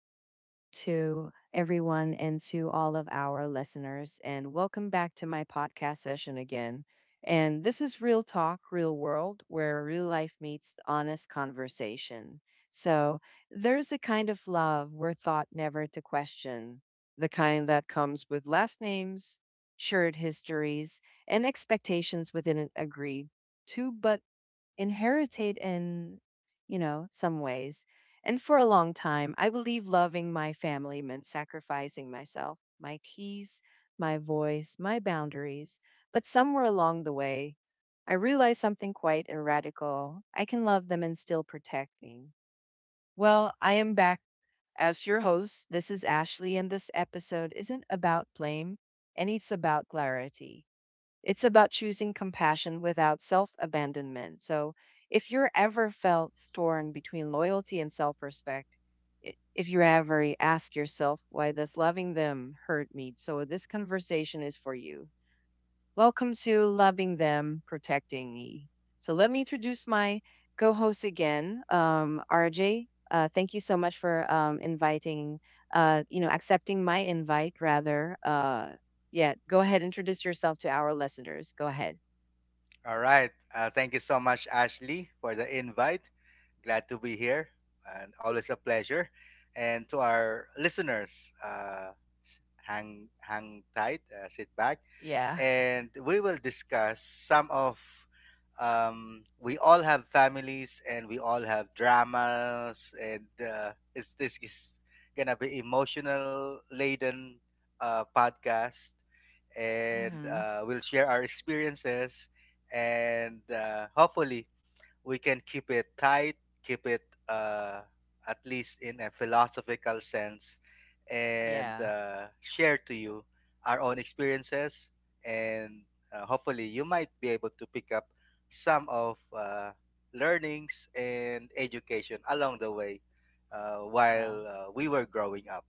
good evening to everyone and to all of our listeners. And welcome back to my podcast session again. And this is Real Talk, Real World, where real life meets honest conversation. So there's a kind of love we're taught never to question, the kind that comes with last names, shared histories, and expectations within an agreed to but inherited in some ways. And for a long time, I believe loving my family meant sacrificing myself, my peace, my voice, my boundaries. But somewhere along the way, I realized something quite and radical. I can love them and still protect me. Well, I am back as your host. This is Ashley, and this episode isn't about blame, and it's about clarity. It's about choosing compassion without self abandonment. So, if you're ever felt torn between loyalty and self respect, if you ever ask yourself, why does loving them hurt me? So, this conversation is for you. Welcome to Loving Them, Protecting Me. So let me introduce my co host again, RJ. Thank you so much for inviting, accepting my invite, rather. Yeah, go ahead, introduce yourself to our listeners. Go ahead. All right. Thank you so much, Ashley, for the invite. Glad to be here, and always a pleasure. And to our listeners, hang tight, sit back, Yeah. and we will discuss some of. We all have families, and we all have dramas, and it's this is gonna be emotional laden podcast and Hmm. We'll share our experiences and hopefully we can keep it tight, keep it at least in a philosophical sense, and Yeah. Share to you our own experiences, and hopefully you might be able to pick up some of learnings and education along the way while Wow. We were growing up.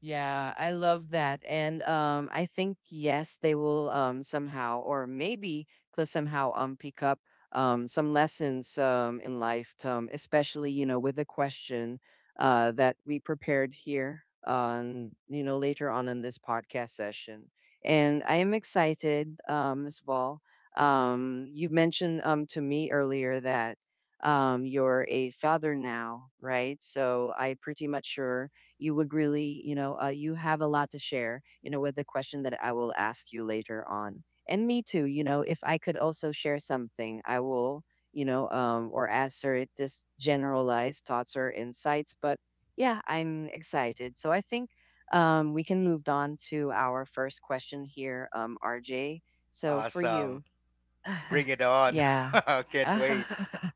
Yeah, I love that. And I think, yes, they will somehow, or maybe could somehow pick up some lessons in life, especially, with the question that we prepared here on, later on in this podcast session. And I am excited, Ms. Ball. You mentioned to me earlier that you're a father now, right? So I pretty much sure you would really, you have a lot to share, with the question that I will ask you later on. And me too, if I could also share something, I will, or answer it just generalized thoughts or insights. But yeah, I'm excited. So I think we can move on to our first question here, RJ. So for Awesome, you, uh-huh. bring it on. Yeah. Can't wait. Uh-huh.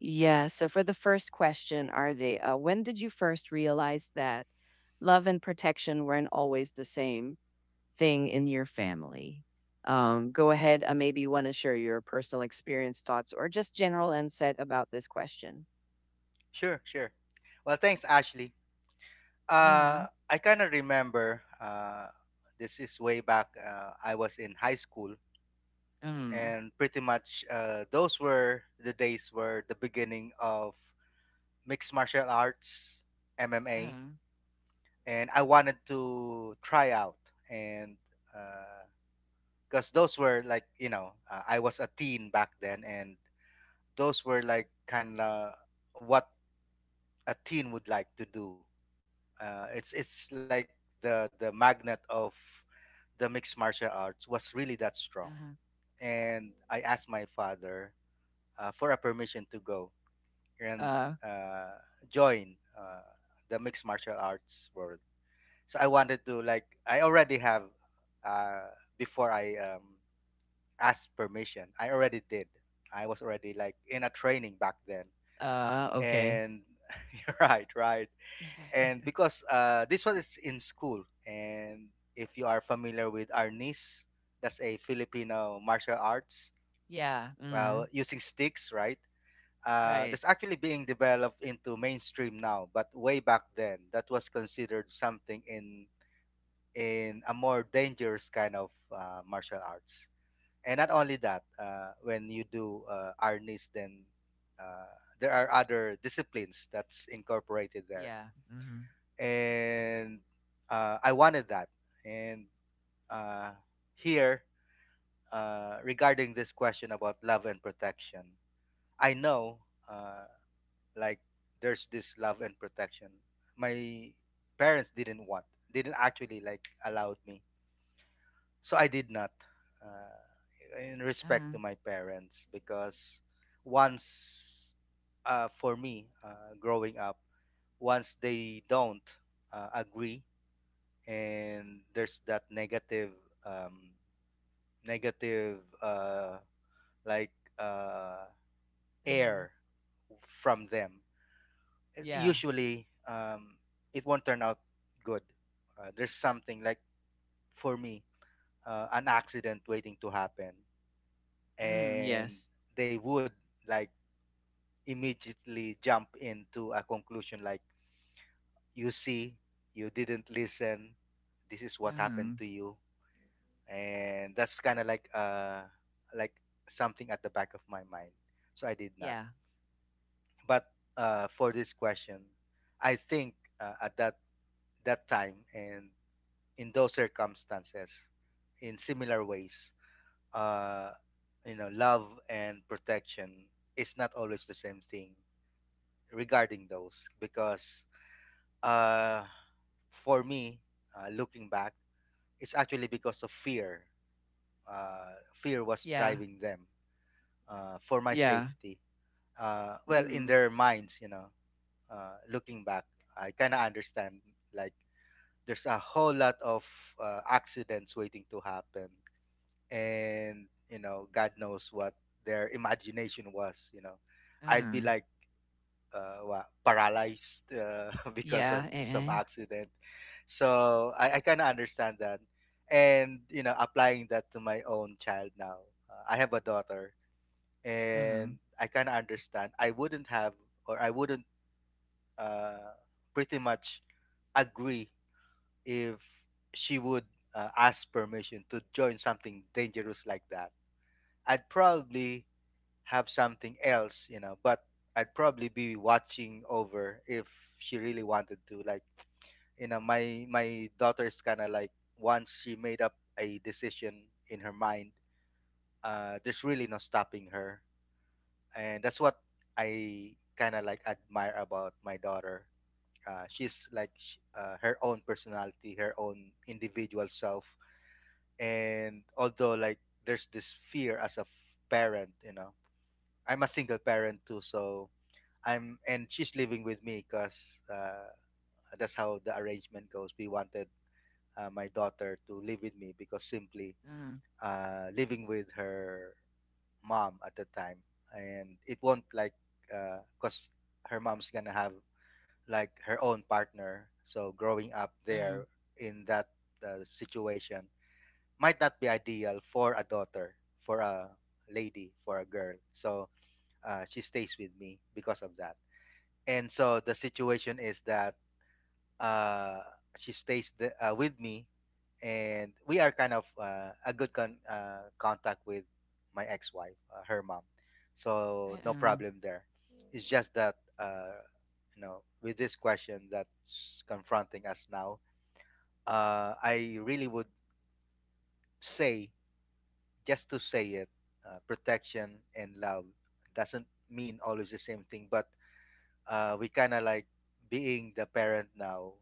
Yeah. So, for the first question, when did you first realize that love and protection weren't always the same thing in your family? Go ahead. Maybe you want to share your personal experience, thoughts, or just general insight about this question. Sure, sure. Well, thanks, Ashley. Mm, I kind of remember, this is way back. I was in high school, mm, and pretty much those were the days were the beginning of mixed martial arts, MMA, mm, and I wanted to try out. And because those were like, you know, I was a teen back then, and those were like kind of what a teen would like to do. It's like the magnet of the mixed martial arts was really that strong, uh, and I asked my father for a permission to go and huh. uh, join the mixed martial arts world. So I wanted to, like, I already have, uh, before I asked permission, I already did. I was already like in a training back then. Uh, okay. And you're right, right. And because this one is in school, and if you are familiar with Arnis, that's a Filipino martial arts, Yeah. well, Mm, using sticks, right? Right. That's actually being developed into mainstream now, but way back then, that was considered something in a more dangerous kind of martial arts. And not only that, when you do Arnis, then uh, there are other disciplines that's incorporated there, Yeah. Mm, and I wanted that. And uh, here, regarding this question about love and protection, I know uh, like there's this love and protection. My parents didn't want, didn't actually like allowed me, so I did not. Uh, in respect to mm, my parents, because once, for me, growing up, once they don't agree, and there's that negative um negative uh like uh mm, air from them, yeah. usually it won't turn out good. Uh, there's something like, for me, an accident waiting to happen, Mm, and yes. they would like immediately jump into a conclusion like, you see, you didn't listen, this is what happened Mm, to you. And that's kind of like like something at the back of my mind, so I did not. yeah. But for this question, I think at that time and in those circumstances, in similar ways, uh you know, love and protection is not always the same thing regarding those, because uh for me, looking back, it's actually because of fear. Fear was Yeah. driving them, for my Yeah. safety. Well, in Mm, their minds, you know, looking back, I kind of understand, like, there's a whole lot of accidents waiting to happen, and, you know, God knows what their imagination was. You know, I'd be mm, like, what, paralyzed, because of yeah. some Uh-uh, accident. So I kind of understand that, and, you know, applying that to my own child now. I have a daughter, mm, and I kind of understand. I wouldn't have, or I wouldn't uh, pretty much agree if she would ask permission to join something dangerous like that. I'd probably have something else, you know, but I'd probably be watching over if she really wanted to. Like, you know, my daughter's kind of like, once she made up a decision in her mind, there's really no stopping her. And that's what I kind of like admire about my daughter. Her own personality, her own individual self, and although like there's this fear as a parent, you know, I'm a single parent too, so I'm, and she's living with me because that's how the arrangement goes. We wanted my daughter to live with me because, simply, mm, living with her mom at the time, and it won't like cause her mom's gonna have like her own partner. So growing up mm, there in that situation might not be ideal for a daughter, for a lady, for a girl. So she stays with me because of that. And so the situation is that uh, she stays the, with me, and we are kind of contact with my ex-wife, her mom. So no uh-uh, problem there. It's just that you know, with this question that's confronting us now, I really would say, just to say it, protection and love doesn't mean always the same thing, but we kind of like being the parent now.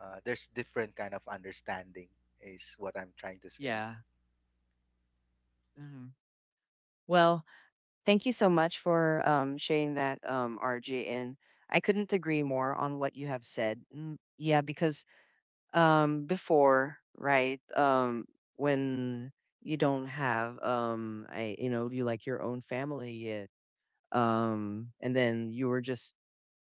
There's different kind of understanding, is what I'm trying to say. yeah. Mm. Well, thank you so much for sharing that, RJ. And I couldn't agree more on what you have said. Mm, yeah, because before, right, when you don't have, you like your own family yet, and then you were just,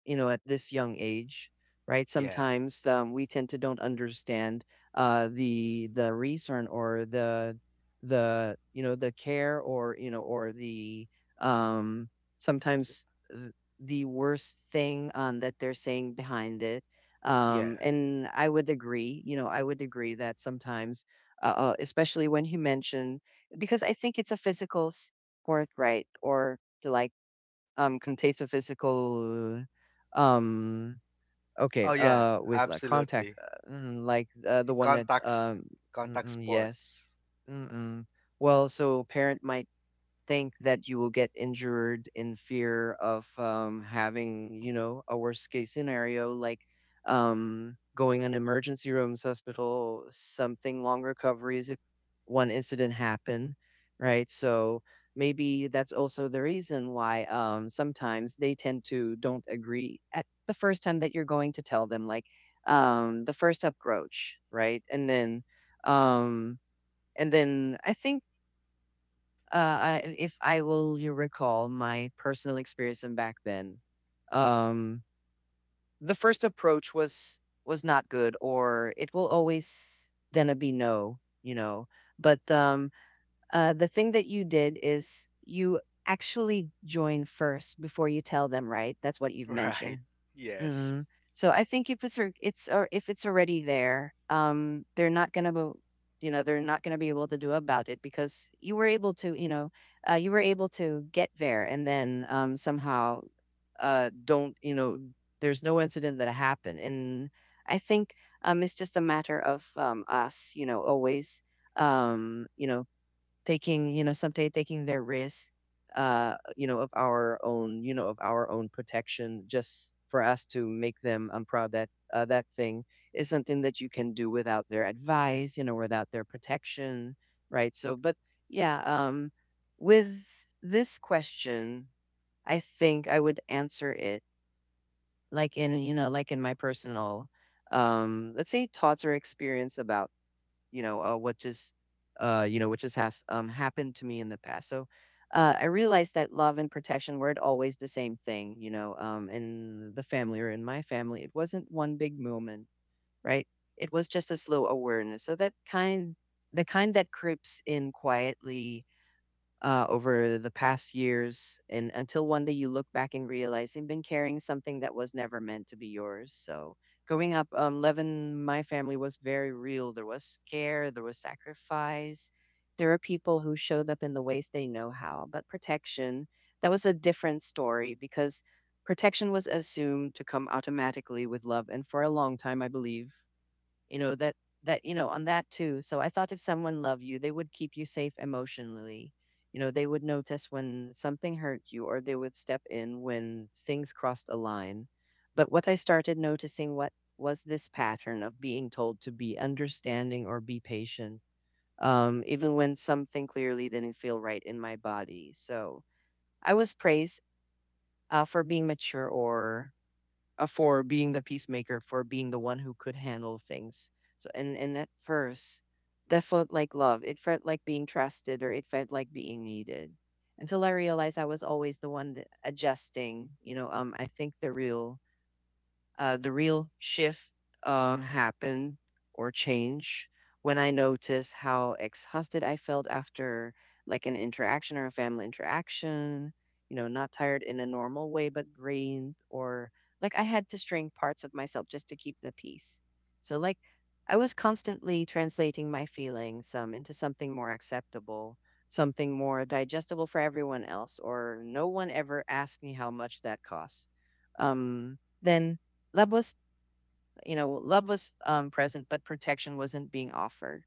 at this young age, right? Yeah, Sometimes we tend to don't understand the reason or the, care, or or the, um, sometimes the worst thing that they're saying behind it. yeah. And I would agree, that sometimes, especially when you mention, because I think it's a physical sport, right? Or like can taste a physical, um okay, Oh yeah, with like contact, absolutely. Like, the one that Contacts, contact mm-mm, yes. sports. Mm-mm. Well, so parent might think that you will get injured in fear of having, a worst case scenario, like going on emergency rooms, hospital, something long recoveries if one incident happen, right? So maybe that's also the reason why sometimes they tend to don't agree at the first time that you're going to tell them, like the first approach, right? Um, and then I think, if I will you recall my personal experience and back then, um, the first approach was not good, or it will always then be no. But the thing that you did is you actually join first before you tell them, right? That's what you've Right. mentioned. Yes. Mm. So I think if it's al- it's or if it's already there, they're not gonna be, they're not gonna be able to do about it because you were able to, get there, and then somehow, don't, there's no incident that happened. And I think it's just a matter of us, always, um, you know, taking, someday taking their risk, of our own protection, just for us to make them. I'm proud that that thing is something that you can do without their advice, without their protection, right? So but yeah, with this question I think I would answer it like in, like in my personal, let's say, thoughts or experience about, you know uh, what just what just has happened to me in the past. So I realized that love and protection weren't always the same thing. In the family or in my family, it wasn't one big moment, right? It was just a slow awareness. So that kind, the kind that creeps in quietly, over the past years. And until one day you look back and realize you've been carrying something that was never meant to be yours. So growing up, Levin, my family was very real. There was care, there was sacrifice. There are people who showed up in the ways they know how, but protection, that was a different story because protection was assumed to come automatically with love. And for a long time, I believe, you know that that you know on that too. So I thought if someone loved you, they would keep you safe emotionally. They would notice when something hurt you, or they would step in when things crossed a line. But what I started noticing what was this pattern of being told to be understanding or be patient, even when something clearly didn't feel right in my body. So I was praised, for being mature, or for being the peacemaker, for being the one who could handle things. So, and at first, that felt like love. It felt like being trusted, or it felt like being needed. Until I realized I was always the one that adjusting. I think the real, the real shift, happened or change, when I noticed how exhausted I felt after like an interaction or a family interaction. Not tired in a normal way, but drained, or like I had to string parts of myself just to keep the peace. So, like, I was constantly translating my feelings, into something more acceptable, something more digestible for everyone else, or no one ever asked me how much that costs. Then love was love was present, but protection wasn't being offered.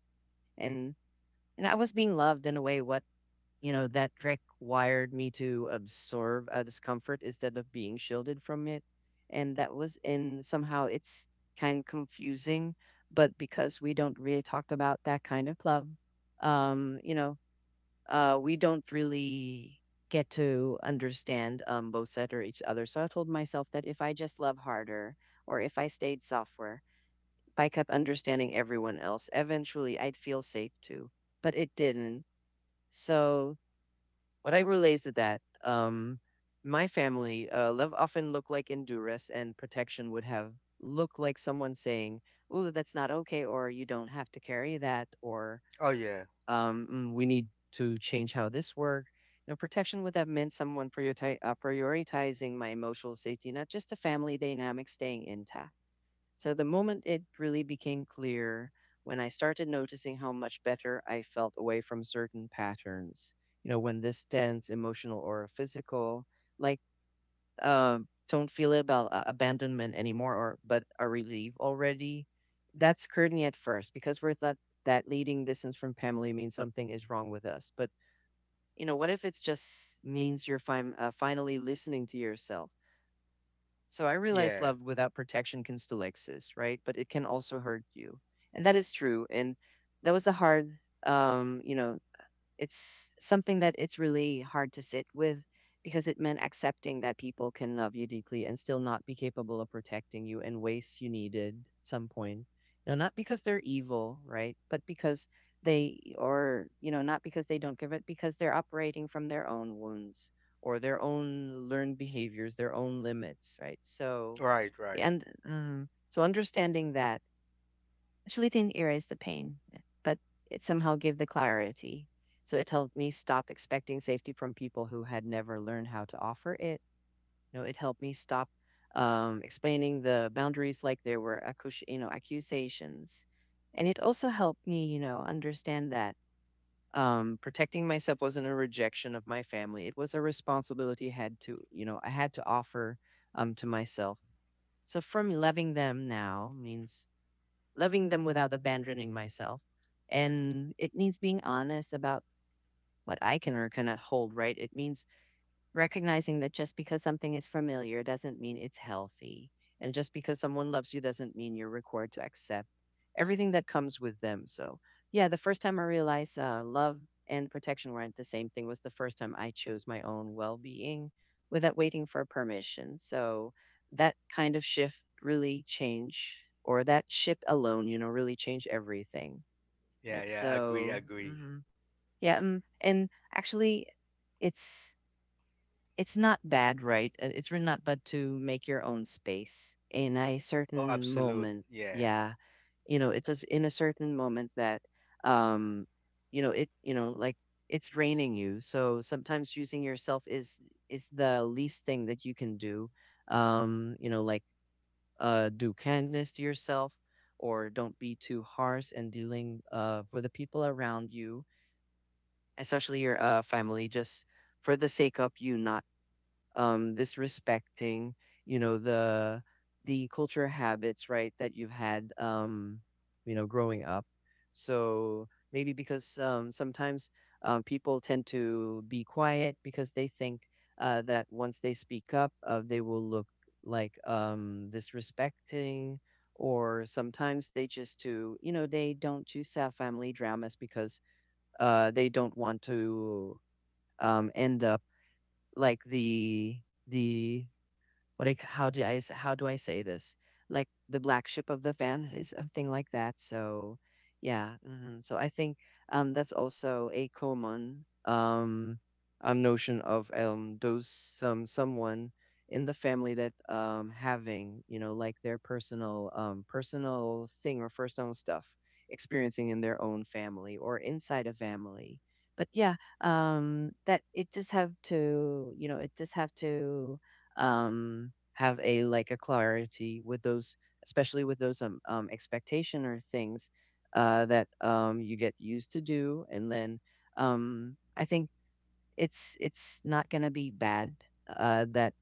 And and I was being loved in a way what, that trick wired me to absorb a discomfort instead of being shielded from it. And that was in somehow, it's kind of confusing, but because we don't really talk about that kind of love, um you know we don't really get to understand, both sides or each other. So I told myself that if I just love harder, or if I stayed softer. If I kept understanding everyone else. Eventually, I'd feel safe too, but it didn't. So, what I relates to that, my family, love often looked like endurance, and protection would have looked like someone saying, "Oh, that's not okay," or "You don't have to carry that," or Oh yeah. "Mm, "We need to change how this work." Protection would have meant someone prioritizing my emotional safety, not just the family dynamic staying intact. So the moment it really became clear, when I started noticing how much better I felt away from certain patterns, when this tense, emotional or physical, like uh, don't feel about, abandonment anymore, or but a relief already. That scared me at first because we're thought that leading distance from family means something is wrong with us. But what if it's just means you're finally listening to yourself? So I realize Yeah. love without protection can still exist, right? But it can also hurt you. And that is true. And that was the hard, um, you know, it's something that it's really hard to sit with because it meant accepting that people can love you deeply and still not be capable of protecting you in ways you needed some point. Not because they're evil, right? But because they or, you know, not because they don't give it, because they're operating from their own wounds or their own learned behaviors, their own limits, right? So Right. Right. and um, so understanding that actually didn't erase the pain, but it somehow gave the clarity. So it helped me stop expecting safety from people who had never learned how to offer it. You know, it helped me stop explaining the boundaries like there were accusations, and it also helped me, you know, understand that protecting myself wasn't a rejection of my family. It was a responsibility I had to offer to myself. So from loving them now means loving them without abandoning myself. And it means being honest about what I can or cannot hold, right? It means recognizing that just because something is familiar doesn't mean it's healthy. And just because someone loves you doesn't mean you're required to accept everything that comes with them. So, yeah, the first time I realized love and protection weren't the same thing was the first time I chose my own well being without waiting for permission. So, that kind of shift really changed, or that ship alone, you know, really changed everything. Yeah. Right. Yeah. Agree, So, agree. mhm, yeah. Actually, it's it's not bad, right? It's really not bad to make your own space in a Oh, certain absolute. moment. Yeah. Yeah, you know, it's just in a certain moment that, um, you know, it, you know, like it's draining you. So sometimes choosing yourself is the least thing that you can do. Um, you know, like do kindness to yourself, or don't be too harsh and dealing with the people around you, especially your family, just for the sake of you not this respecting, you know, the culture habits, right, that you've had, you know, growing up. So maybe because sometimes people tend to be quiet because they think that once they speak up, they will look like disrespecting. Or sometimes they just to you know they don't choose to have family dramas because they don't want to end up like the what I c- how do I s- how do I say this? Like the black sheep of the fan family, something like that. So yeah, mhm. So I think that's also a common notion of those some someone in the family that having you know like their personal thing or personal stuff experiencing in their own family or inside a family, but yeah, that it just have to have a like a clarity with those, especially with those expectation or things that you get used to do, and then I think it's not gonna be bad that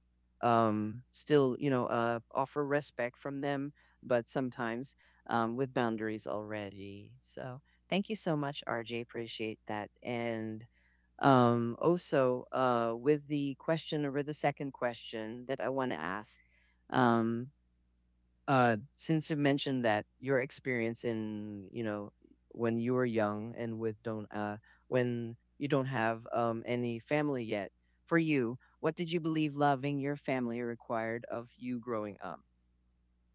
still you know offer respect from them, but sometimes with boundaries already. So thank you so much, RJ. Appreciate that and also, with the question or with the second question that I want to ask, um, since you mentioned that your experience in, you know, when you were young and with don't, when you don't have any family yet, for you, what did you believe loving your family required of you growing up?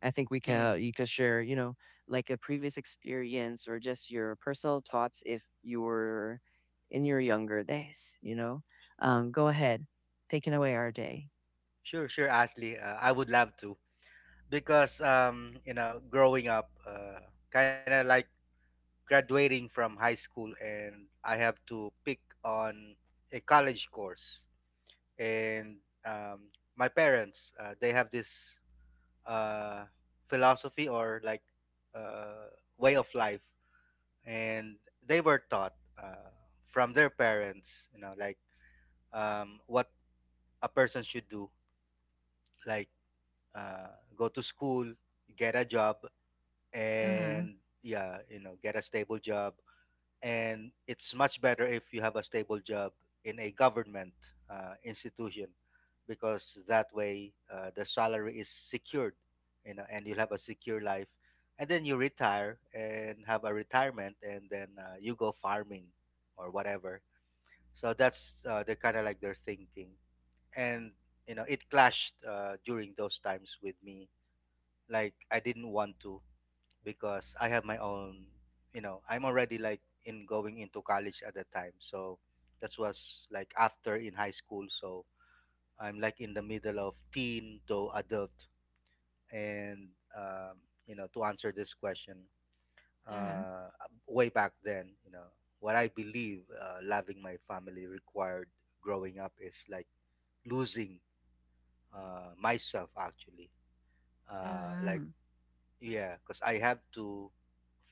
I think we Mm. can you can share, you know, like a previous experience or just your personal thoughts if you were in your younger days, you know. Go ahead, taking away our day. Sure. Sure. Ashley, I would love to, because you know, growing up, kind of like graduating from high school, and I have to pick on a college course. And my parents, they have this uh, philosophy or like uh, way of life, and they were taught from their parents, you know, like what a person should do, like go to school, get a job, Mm-hmm. and, yeah, you know, get a stable job. And it's much better if you have a stable job in a government institution, because that way the salary is secured, you know, and you'll have a secure life, and then you retire and have a retirement, and then you go farming or whatever. So that's they're kind of like their thinking. And, you know, it clashed during those times with me, like, I didn't want to, because I have my own, you know, I'm already like in going into college at that time. So that was like after in high school. So I'm like in the middle of teen to adult. And um, you know, to answer this question, Mm-hmm. uh, way back then, you know, what I believe loving my family required growing up is like losing myself, actually. Like, Mm-hmm. yeah, because I have to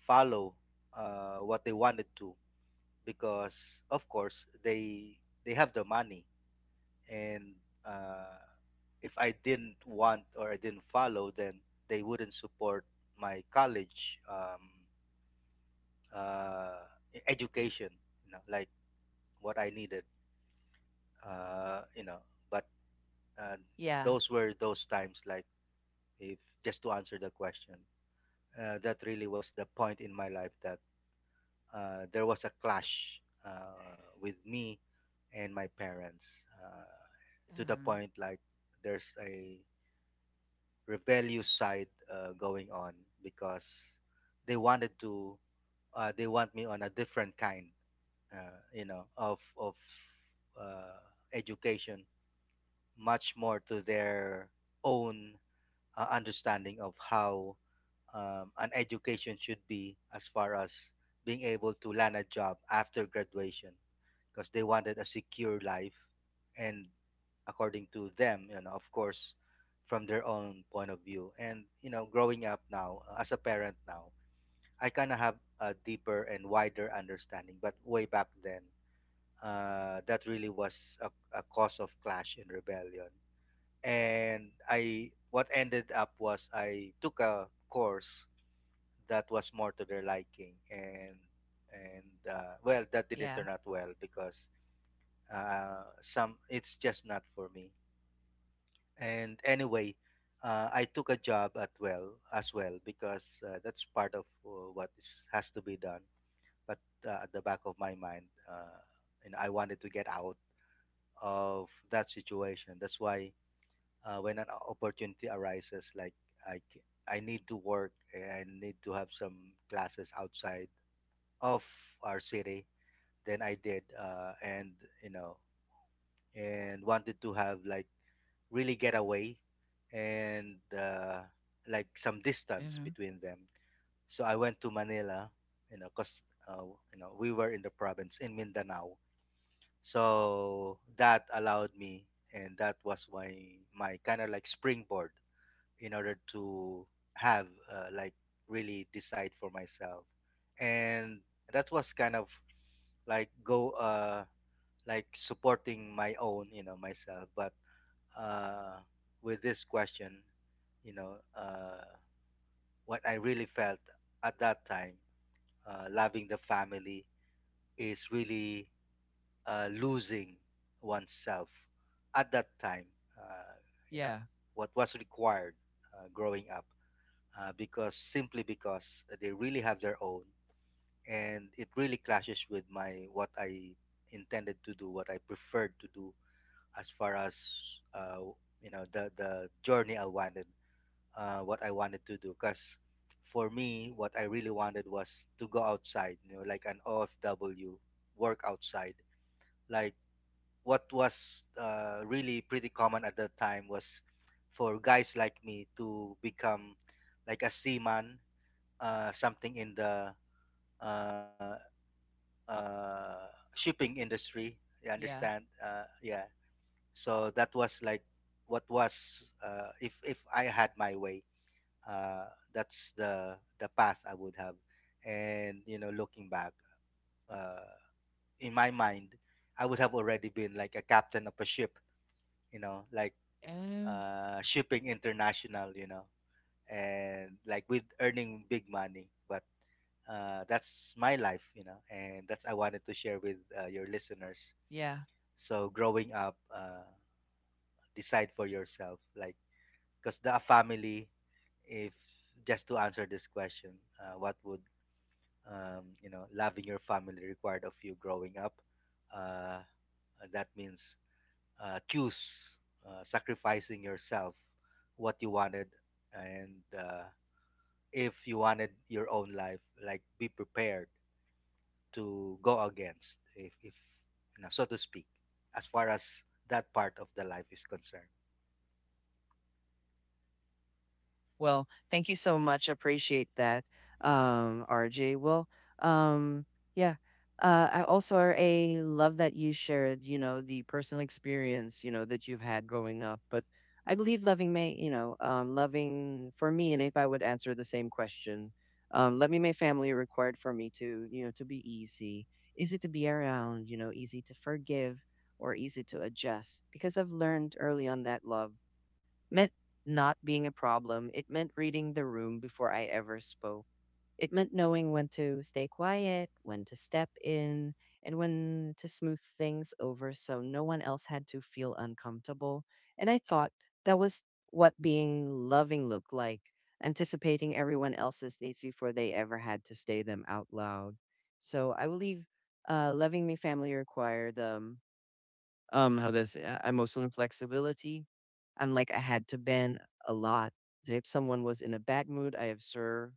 follow what they wanted to, because, of course, they have the money, and uh, if I didn't want or I didn't follow, then they wouldn't support my college uh, education, you know, like, what I needed, you know. But uh, Yeah. those were those times like, if, just to answer the question, that really was the point in my life that there was a clash with me and my parents, to the Mm-hmm. point like there's a rebellious side going on, because they wanted to, they want me on a different kind uh, you know of uh, education, much more to their own understanding of how an education should be as far as being able to land a job after graduation, because they wanted a secure life. And according to them, you know, of course, from their own point of view, and, you know, growing up now, as a parent now, I kind of have a deeper and wider understanding. But way back then, that really was a cause of clash and rebellion, and I, what ended up was I took a course that was more to their liking, and well, that didn't Yeah. turn out well because some, it's just not for me. And anyway, I took a job at, well, as well, because that's part of what is, has to be done. But at the back of my mind, uh, and I wanted to get out of that situation. That's why when an opportunity arises like, I need to work and I need to have some classes outside of our city, then I did. Uh, and, you know, and wanted to have, like, really get away, and like, some distance Hmm. between them. So I went to Manila, you know, because you know, we were in the province in Mindanao. So that allowed me, and that was my, my kind of like springboard in order to have like, really decide for myself, and that was kind of like go supporting my own, you know, myself. But uh with this question, you know, what I really felt at that time, loving the family is really losing oneself at that time, uh, you know, Yeah. what was required growing up, because simply because they really have their own, and it really clashes with my what I intended to do, what I preferred to do, as far as you know, the journey I wanted, what I wanted to do. Because for me, what I really wanted was to go outside, you know, like an OFW, work outside, like what was really pretty common at that time, was for guys like me to become like a seaman, something in the uh, uh, shipping industry. You understand? Yeah. Yeah. So that was like what was, if I had my way, uh, that's the path I would have. And you know, looking back, uh, in my mind, I would have already been like a captain of a ship. You know, like, Mm-hmm. Shipping international. You know, and like, with earning big money. But that's my life, you know, and that's, I wanted to share with your listeners. Yeah. So growing up, decide for yourself, like, because the family, if, just to answer this question, what would, you know, loving your family required of you growing up, uh, that means, choose, sacrificing yourself, what you wanted, and, uh, if you wanted your own life, like, be prepared to go against, if, you know, so to speak, as far as that part of the life is concerned. Well, thank you so much. Appreciate that, RJ. Well, um, yeah. I also are a love that you shared, you know, the personal experience, you know, that you've had growing up. But I believe loving may, you know, loving for me, and if I would answer the same question, loving my family required for me to, you know, to be easy, easy to be around, you know, easy to forgive or easy to adjust because I've learned early on that love meant not being a problem. It meant reading the room before I ever spoke. It meant knowing when to stay quiet, when to step in, and when to smooth things over so no one else had to feel uncomfortable. And I thought that was what being loving looked like, anticipating everyone else's needs before they ever had to say them out loud. So I believe loving me family required how this emotional flexibility. I had to bend a lot. So if someone was in a bad mood I observe,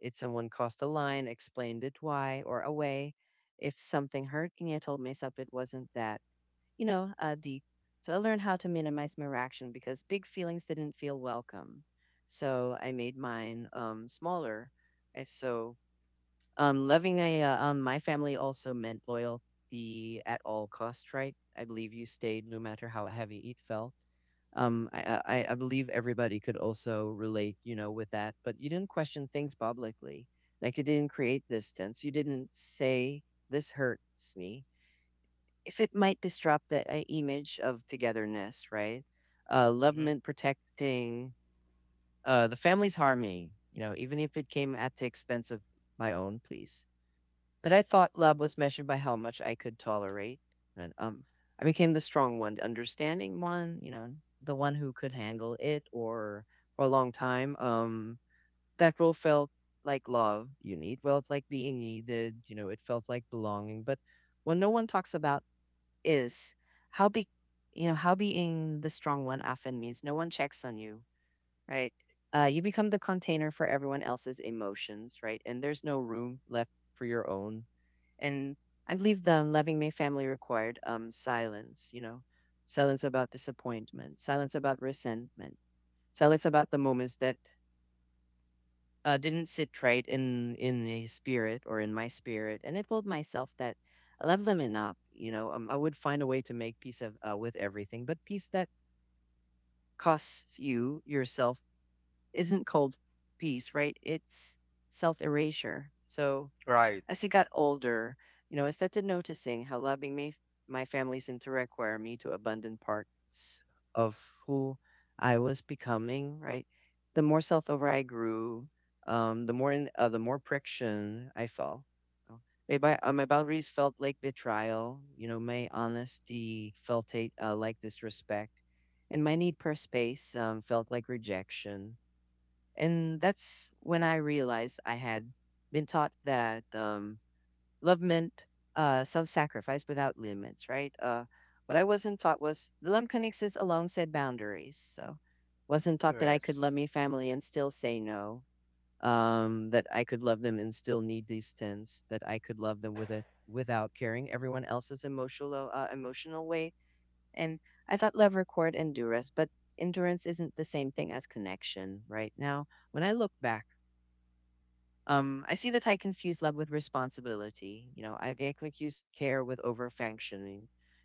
if someone crossed a line explained it why or away, if something hurting I told myself it wasn't that, you know, deep. So I learned how to minimize my reaction because big feelings didn't feel welcome, so I made mine smaller. And so my family also meant loyalty at all cost, right? I believe you stayed no matter how heavy it felt. I believe everybody could also relate, you know, with that. But you didn't question things publicly. Like you didn't create distance. You didn't say this hurts me, if it might disrupt the image of togetherness, right? Love Hmm. meant protecting the family's harmony, you know, even if it came at the expense of my own, please. But I thought love was measured by how much I could tolerate. And I became the strong one, the understanding one, you know, the one who could handle it or for a long time. That role felt like love you need. Well, it's like being needed, you know, it felt like belonging. But what no one talks about is how big, you know, how being the strong one often means no one checks on you, right? You become the container for everyone else's emotions, right? And there's no room left for your own. And I believe the loving my family required silence, you know, silence about disappointment, silence about resentment, silence about the moments that didn't sit right in a spirit or in my spirit, and I told myself that I love them enough, you know, I would find a way to make peace of with everything, but peace that costs you yourself isn't called peace, right? It's self erasure. So Right. as I got older, you know, I started noticing how my family's into require me to abandon parts of who I was becoming, right? The more self-aware I grew, the more friction I felt. You My boundaries felt like betrayal, you know, my honesty like disrespect, and my need for space felt like rejection. And that's when I realized I had been taught that love meant self-sacrifice without limits, right? What I wasn't taught was the love connects us alongside boundaries. So, wasn't taught that I could love Yes. my family and still say no. That I could love them and still need distance. That I could love them without caring everyone else's emotional way. And I thought love required endurance, but endurance isn't the same thing as connection. Right now, when I look back, I see that I confuse love with responsibility. You know, I confuse care with overfunctioning.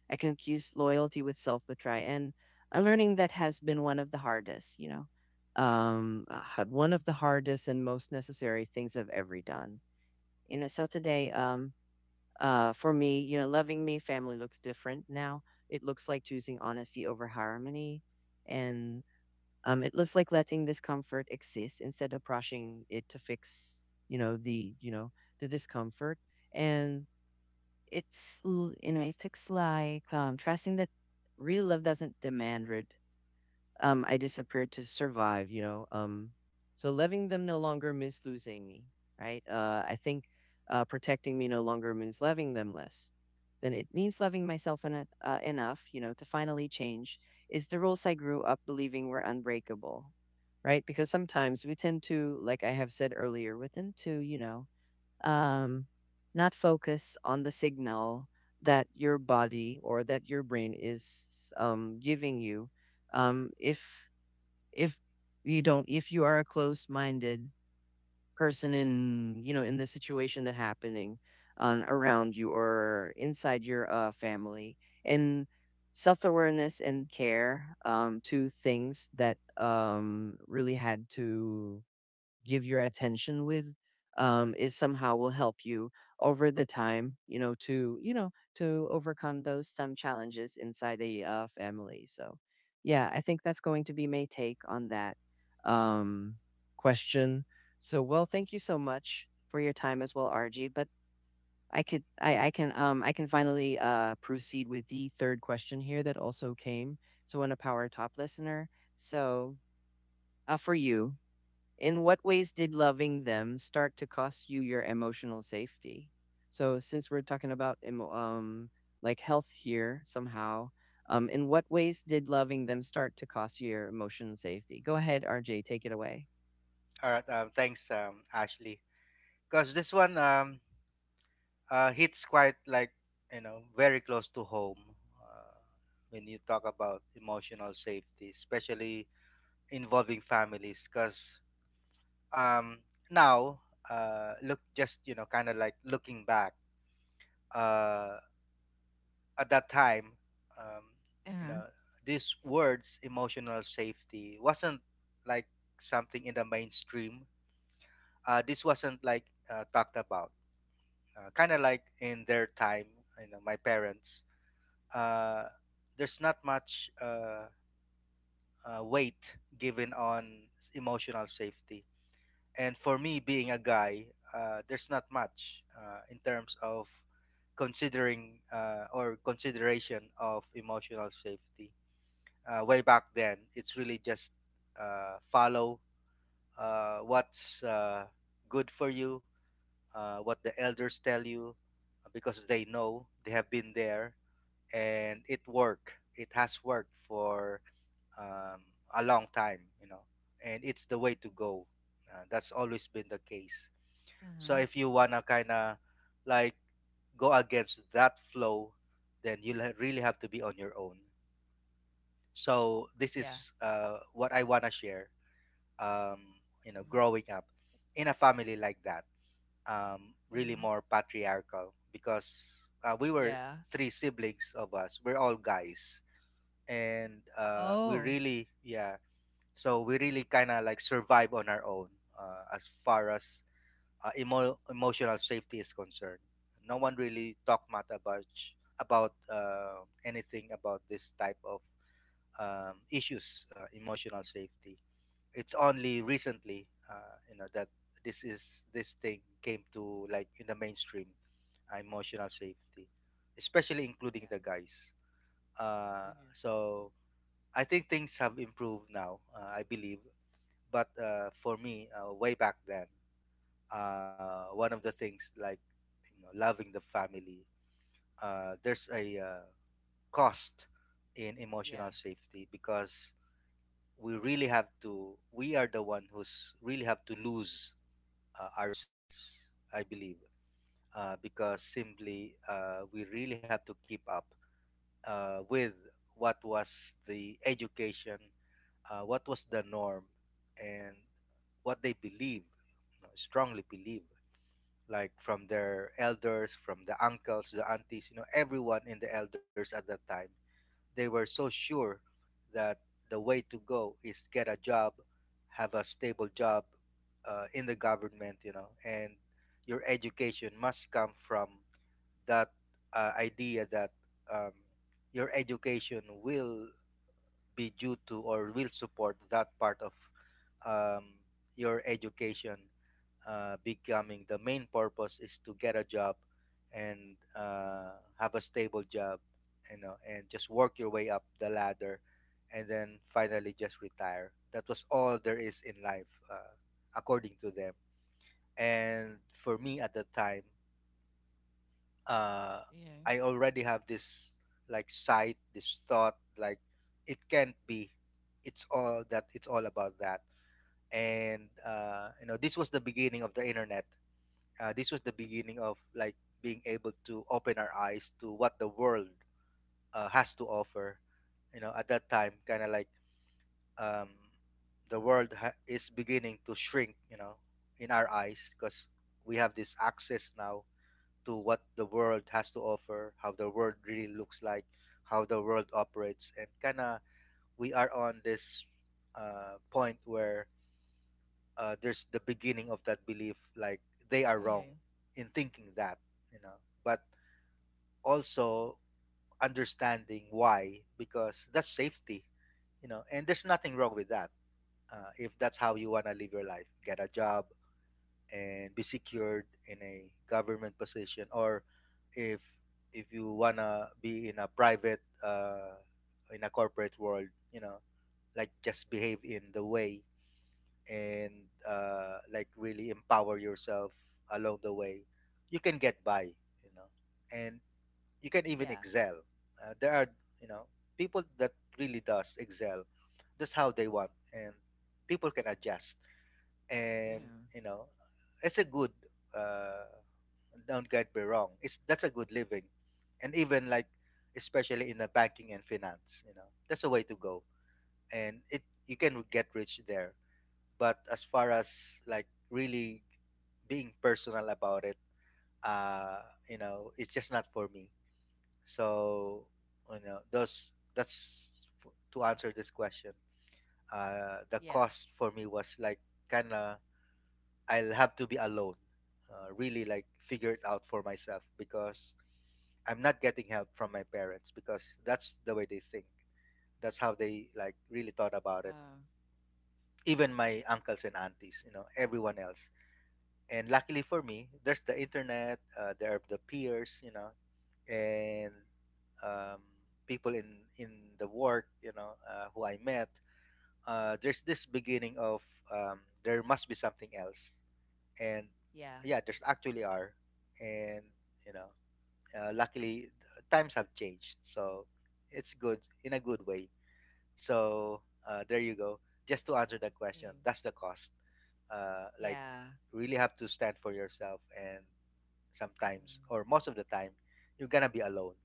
I confuse loyalty with self betray. And I'm learning that has been one of the hardest, you know, one of the hardest and most necessary things I've ever done. You know, so today, for me, you know, loving me, family looks different now. It looks like choosing honesty over harmony. And it looks like letting discomfort exist instead of rushing it to fix, you know, the discomfort. And it's l- you know it looks like trusting that real love doesn't demand I disappeared to survive, you know. So loving them no longer means losing me, right? I think protecting me no longer means loving them less. Then it means loving myself enough, you know, to finally change. Is the rules I grew up believing were unbreakable, right? Because sometimes we tend to, like I have said earlier, we tend to, um, not focus on the signal that your body or that your brain is giving you. um, if if you don't, if you are a closed-minded person in, you know, in the situation that happening on around you or inside your family and self-awareness and care, to things that really had to give your attention with, is somehow will help you over the time, you know, to, you know, to overcome those some challenges inside a family. So, yeah, I think that's going to be my take on that um, question. So, thank you so much for your time as well, RG. But I could, I can finally proceed with the third question here that also came. So, on a power top listener, so for you, in what ways did loving them start to cost you your emotional safety? So since we're talking about like health here somehow, in what ways did loving them start to cost you your emotional safety? Go ahead, RJ, take it away. All right, thanks, Ashley, because this one, hits quite, like, you know, very close to home. uh, when you talk about emotional safety, especially involving families, because, um, now, look, just, you know, kind of like looking back, uh, at that time, um, you Uh-huh. know, these words "emotional safety" wasn't like something in the mainstream. This wasn't like talked about. Kind of like in their time, you know, my parents. Uh, there's not much weight given on emotional safety. And for me, being a guy, there's not much, in terms of considering, or consideration of emotional safety. Way back then, it's really just, follow, what's good for you, what the elders tell you, because they know, they have been there, and it worked, it has worked for, um, a long time, you know, and it's the way to go. That's always been the case. So Uh-huh. if you wanna kinda like go against that flow, then you'll really have to be on your own. So this Yeah. is what I wanna share. Um, you know, Uh-huh. growing up in a family like that, really Uh-huh. more patriarchal, because we were Yeah. three siblings of us. We're all guys, and we Oh. really, yeah. So we really kind of like survive on our own, as far as emotional safety is concerned. No one really talked much about, anything about this type of issues, emotional safety. It's only recently, you know, that this thing came to, like, in the mainstream, emotional safety, especially including the guys. Uh, Yeah. Okay. so I think things have improved now. I believe. But for me, way back then, one of the things, like, you know, loving the family, there's a cost in emotional Yeah. safety, because we are the one who's really have to lose ourselves, I believe, because simply, we really have to keep up with what was the education, what was the norm, and what they believe, you know, strongly believe, like from their elders, from the uncles, the aunties, you know, everyone in the elders at that time. They were so sure that the way to go is get a job, have a stable job in the government, you know, and your education must come from that idea that, um, your education will be due to or will support that part of, um, your education becoming the main purpose is to get a job, and have a stable job, you know, and just work your way up the ladder, and then finally just retire. That was all there is in life, according to them. And for me at the time, uh, Yeah. I already have this, like, sight, this thought, like, it can't be. It's all about that. And you know, this was the beginning of the internet. This was the beginning of, like, being able to open our eyes to what the world has to offer. You know, at that time, kind of like, um, the world is beginning to shrink, you know, in our eyes, because we have this access now to what the world has to offer, how the world really looks like, how the world operates. And kind of, we are on this point where there's the beginning of that belief, like, they are wrong Yeah. in thinking that, you know. But also, understanding why, because that's safety, you know, and there's nothing wrong with that. If that's how you want to live your life, get a job, and be secured in a government position. Or if if you wanna be in a private, in a corporate world, you know, like, just behave in the way, and like, really empower yourself along the way, you can get by, you know, and you can Yeah. even Yeah. excel. There are, you know, people that really does excel. That's how they want, and people can adjust, and, you know, it's a good, uh don't get me wrong, it's, that's a good living. And even like, especially in the banking and finance, you know, that's a way to go, and it, you can get rich there. But as far as, like, really being personal about it, uh you know, it's just not for me. So, you know, those, that's, to answer this question, the Yeah. cost for me was, like, kind of, I'll have to be alone, really, like, figure it out for myself, because I'm not getting help from my parents, because that's the way they think. That's how they like really thought about it. Uh, Even my uncles and aunties, you know, everyone else. And luckily for me, there's the internet, there are the peers, you know, and um, people in the work, you know, who I met. There's this beginning of, there must be something else, and Yeah. yeah, there's actually are. And, you know, luckily, times have changed, so it's good in a good way. So there you go. Just to answer that question, Yeah. that's the cost. Like, Yeah. really have to stand for yourself, and sometimes, Uh-uh. or most of the time, you're gonna be alone.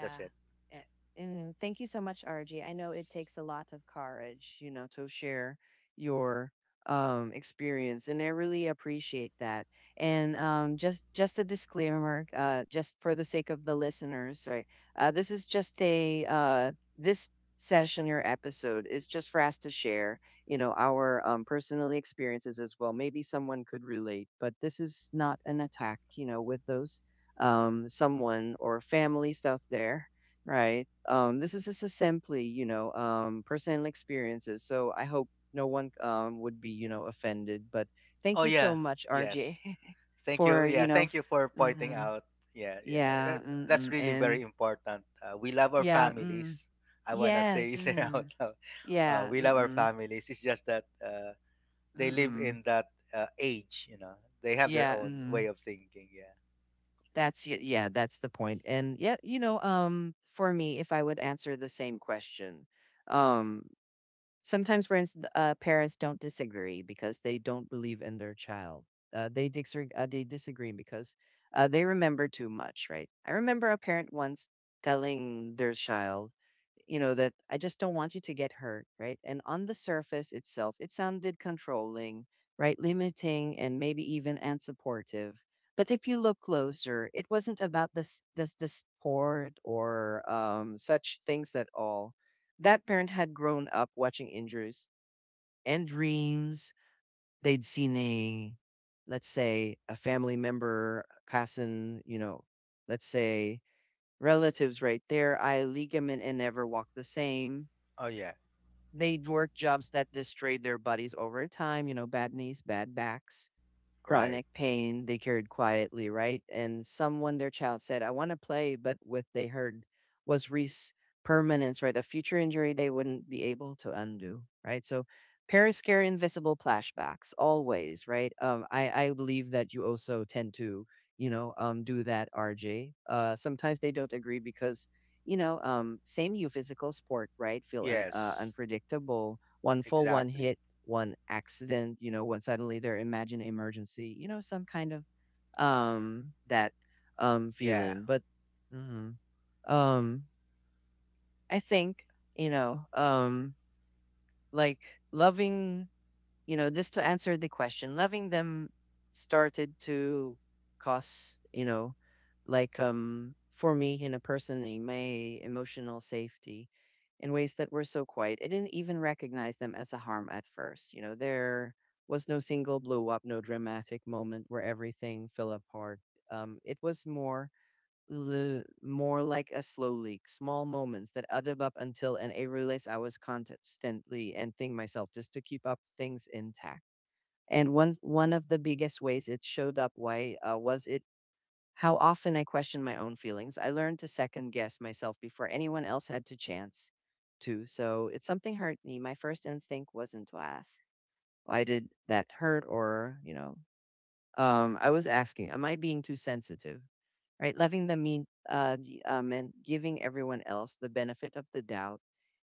That's it. A- And thank you so much, RG. I know it takes a lot of courage, you know, to share your experience, and I really appreciate that. And, um, just a disclaimer, just for the sake of the listeners, right? Uh, this session or episode is just for us to share, you know, our personal experiences as well. Maybe someone could relate, but this is not an attack, you know, with those someone or families out there, right? This is just a simply, you know, personal experiences. So I hope no one would be, you know, offended. But Oh thank you so yeah, much, yes. RJ, Thank you. for, you Yeah, know, thank you for pointing mm, out. Yeah, yeah. Yeah, That's mm-mm, really and very important. We love our yeah, mm, families. I want to yes, say it out mm, loud. Uh, yeah, we love our mm-mm, families. It's just that they live mm-mm, in that age, you know. They have their yeah, own mm, way of thinking. Yeah. that's it. Yeah, that's the point. And yeah, you know, for me, if I would answer the same question, um sometimes parents, parents don't disagree because they don't believe in their child. They disagree because they remember too much, right? I remember a parent once telling their child, you know, that I just don't want you to get hurt, right? And on the surface itself, it sounded controlling, right, limiting and maybe even unsupportive. But if you look closer, it wasn't about this sport or such things at all. That parent had grown up watching injuries and dreams. They'd seen a, let's say, a family member, cousin, you know, let's say relatives, right, there eye ligament and never walk the same. Oh, yeah. They'd work jobs that destroyed their bodies over time, you know, bad knees, bad backs, Right. chronic pain they carried quietly, right? And someone, their child, said, I want to play, but what they heard was Reese permanence, right? A future injury they wouldn't be able to undo, right? So parents carry invisible flashbacks always, right? Um, I believe that you also tend to, you know, do that, RJ. Sometimes they don't agree because, you know, same you physical sport, right? Feel Yes. unpredictable. One full, one Exactly. hit, one accident, you know, when suddenly they're imagine emergency, you know, some kind of that Yeah. feeling. But hmm, um I think, you know, um like loving, you know, just to answer the question, loving them started to cause, you know, like, for me, in a person, in my emotional safety, in ways that were so quiet. I didn't even recognize them as a harm at first. You know, there was no single blow up, no dramatic moment where everything fell apart. It was more, more like a slow leak, small moments that add up until, and I realized I was constantly emptying myself just to keep up things intact. And one of the biggest ways it showed up why was it how often I questioned my own feelings. I learned to second guess myself before anyone else had to chance to. So if something hurt me, my first instinct wasn't to ask, why did that hurt? Or, you know, I was asking, am I being too sensitive, right? Loving them and giving everyone else the benefit of the doubt,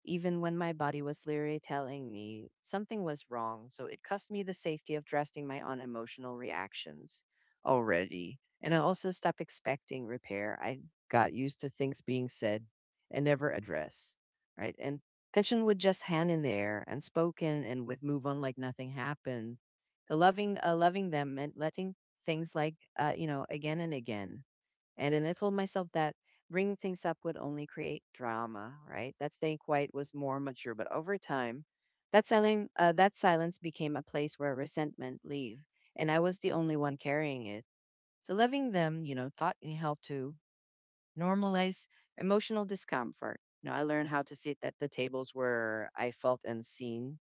even when my body was literally telling me something was wrong. So it cost me the safety of trusting my own emotional reactions already. And I also stopped expecting repair. I got used to things being said and never addressed, right? And tension would just hang in there unspoken and with move on like nothing happened. Loving them meant letting things like, you know, again and again, and then I told myself that bringing things up would only create drama, right? That staying quiet was more mature. But over time, that silent that silence became a place where resentment leave, and I was the only one carrying it. So loving them, you know, taught me how to normalize emotional discomfort. You know, I learned how to sit at the tables where I felt unseen,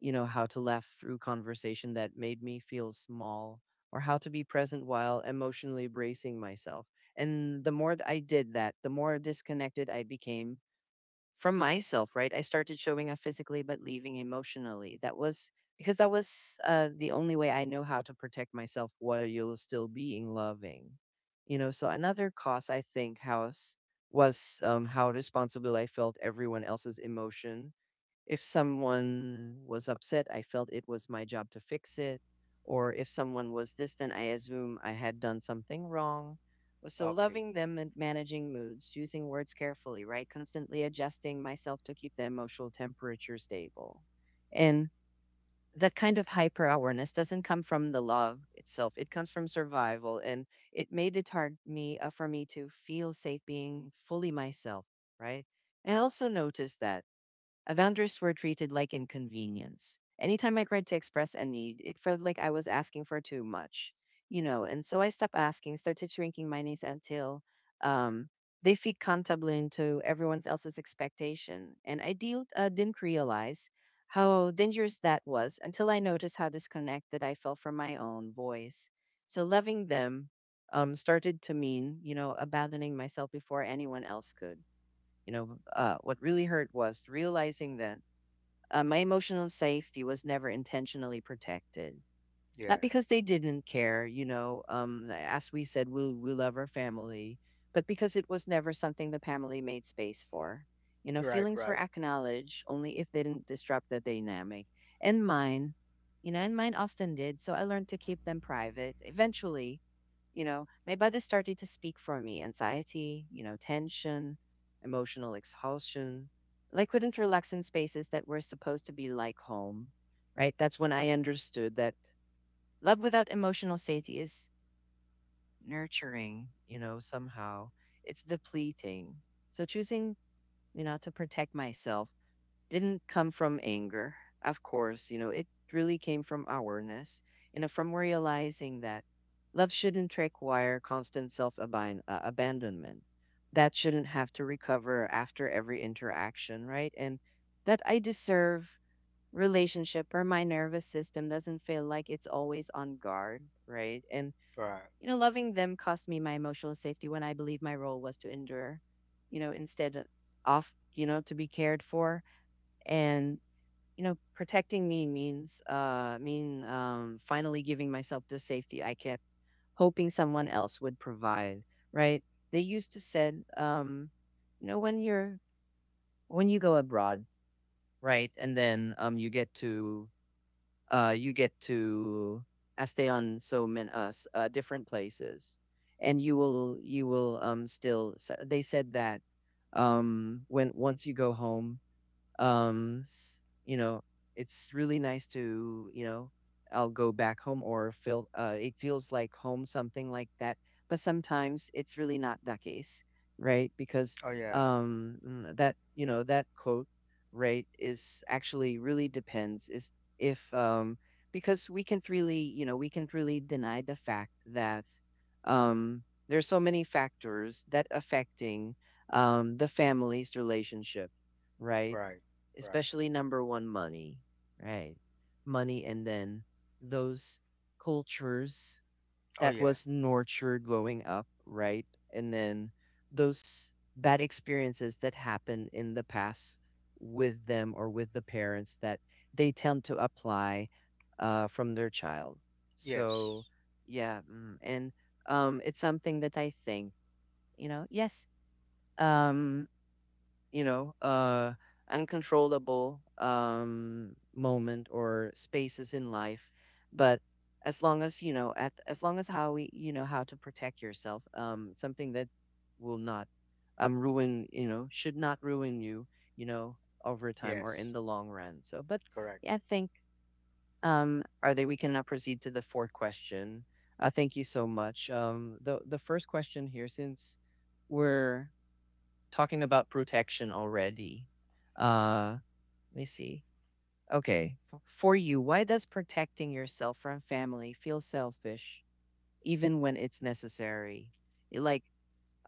you know, how to laugh through conversation that made me feel small, or how to be present while emotionally bracing myself. And the more I did that, the more disconnected I became from myself, right? I started showing up physically, but leaving emotionally. That was because that was, the only way I know how to protect myself while you're still being loving. You know, so another cause I think house was, how responsible I felt everyone else's emotion. If someone was upset, I felt it was my job to fix it. Or if someone was distant, I assume I had done something wrong. Well, so Okay. loving them and managing moods, using words carefully, right? Constantly adjusting myself to keep the emotional temperature stable. And that kind of hyper awareness doesn't come from the love itself. It comes from survival. And it made it hard me, for me, to feel safe being fully myself, right? I also noticed that Avengers were treated like inconvenience. Anytime I tried to express a need, it felt like I was asking for too much, you know, and so I stopped asking, started shrinking my needs until, um, they fit comfortably into everyone else's expectation. And I didn't realize how dangerous that was until I noticed how disconnected I felt from my own voice. So loving them started to mean, you know, abandoning myself before anyone else could. You know, what really hurt was realizing that my emotional safety was never intentionally protected. Not Yeah. because they didn't care, you know, as we said, we love our family, but because it was never something the family made space for. You know, Right, feelings were right. acknowledged only if they didn't disrupt the dynamic. And mine, you know, and mine often did. So I learned to keep them private. Eventually, you know, my body started to speak for me anxiety, you know, tension, emotional exhaustion. I couldn't relax in spaces that were supposed to be like home, right? That's when I understood that love without emotional safety is nurturing, you know, somehow it's depleting. So choosing, you know, to protect myself didn't come from anger, of course, you know, it really came from awareness, you know, from realizing that love shouldn't require constant self abandonment. That shouldn't have to recover after every interaction, right? And that I deserve relationship where my nervous system doesn't feel like it's always on guard, right? And, Right. you know, loving them cost me my emotional safety when I believed my role was to endure, you know, instead of, you know, to be cared for. And, you know, protecting me means, mean finally giving myself the safety I kept hoping someone else would provide, right? They used to said, you know, when you're, when you go abroad, right? And then, you get to, you get to, stay on so many us, different places, and you will they said that, when once you go home, um s- you know, it's really nice to, you know, I'll go back home or feel, it feels like home, something like that. But sometimes it's really not the case, right? Because Oh, yeah. That, you know, that quote, right, is actually really depends is, if because we can't really, you know, we can't really deny the fact that, um there's so many factors that affecting the family's relationship, right? Right. Right. Especially number one, money, right? Money, and then those cultures Oh, that yeah. was nurtured growing up, right? And then those bad experiences that happen in the past with them or with the parents that they tend to apply from their child. Yes. So yeah, mm, and it's something that I think, you know, yes, um, you know, uncontrollable moment or spaces in life. But as long as you know, at as long as how to protect yourself, something that will not ruin, should not ruin you, you know, over time or in Yes. the long run. So, but Correct. yeah, I think are they? we can now proceed to the fourth question. Thank you so much. The first question here, since we're talking about protection already. Uh, let me see. Okay. For you, why does protecting yourself from family feel selfish even when it's necessary? Like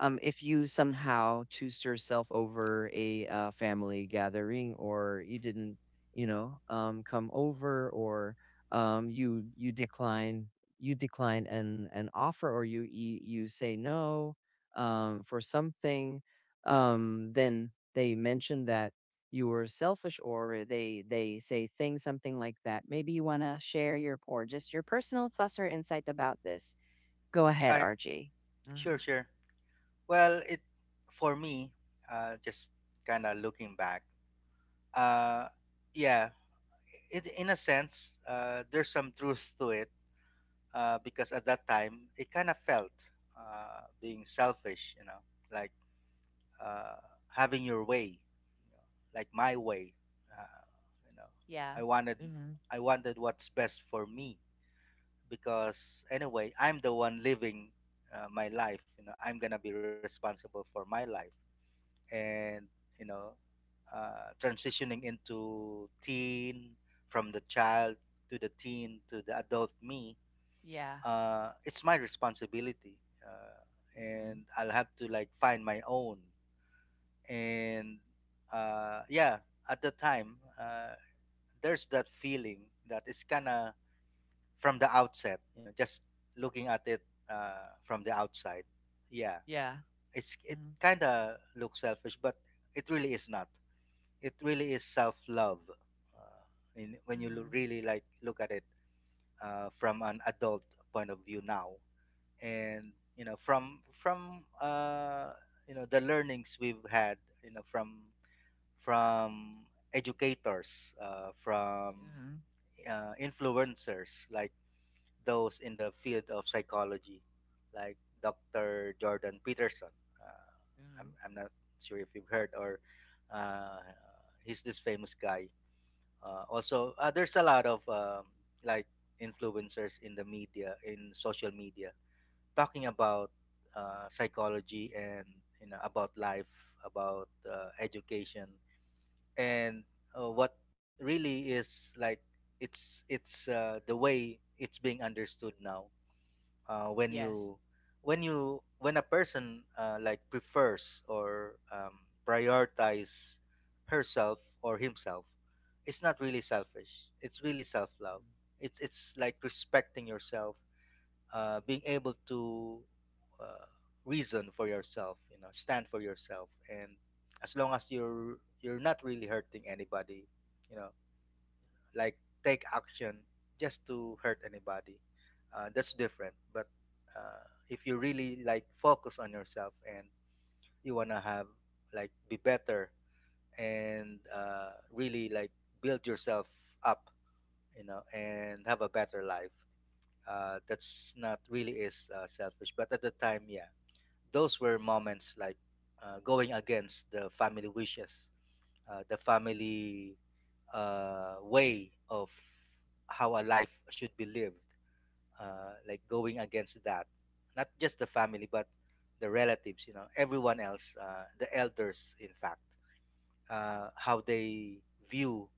if you somehow choose yourself over a family gathering or you didn't come over or um, you decline you decline an offer or you say no for something then they mention that you were selfish or they say things something like that. Maybe you want to share your or just your personal thoughts or insight about this. Go ahead, I RG. sure, sure. Well, it for me, just kind of looking back, uh, yeah, it in a sense, there's some truth to it, because at that time it kind of felt, being selfish, you know, like, uh, having your way, you know, like, my way. Uh, you know, Yeah. I wanted, Mhm. I wanted what's best for me, because anyway, I'm the one living my life. You know, I'm gonna be responsible for my life and you know transitioning into teen from the child to the teen to the adult me Yeah. uh, It's my responsibility uh, Mhm. and I'll have to like find my own and yeah at the time there's that feeling that it's kind of from the outset you know just looking at it from the outside yeah Yeah. it's it Mhm. kind of looks selfish but it really is not, it really is self-love uh, when you Mhm. really like look at it from an adult point of view now. And you know from you know the learnings we've had you know from educators from Mhm. Influencers like those in the field of psychology like Dr. Jordan Peterson. uh, I'm, Mhm. I'm not sure if you've heard or uh, he's this famous guy. Also, there's a lot of like influencers in the media, in social media, talking about psychology and you know about life, about education and what really is like it's the way it's being understood now. When Yes. you, when you when a person like prefers or prioritize herself or himself, it's not really selfish, it's really self-love. Mhm. It's like respecting yourself, being able to uh, reason for yourself, you know, stand for yourself. And as long as you're not really hurting anybody, you know, like take action just to hurt anybody. That's different. But if you really like focus on yourself and you wanna have like be better and really like build yourself up, you know, and have a better life. That's not really is selfish. But at the time, yeah, those were moments like going against the family wishes, the family way of how a life should be lived, like going against that. Not just the family, but the relatives, you know, everyone else, the elders, in fact, how they view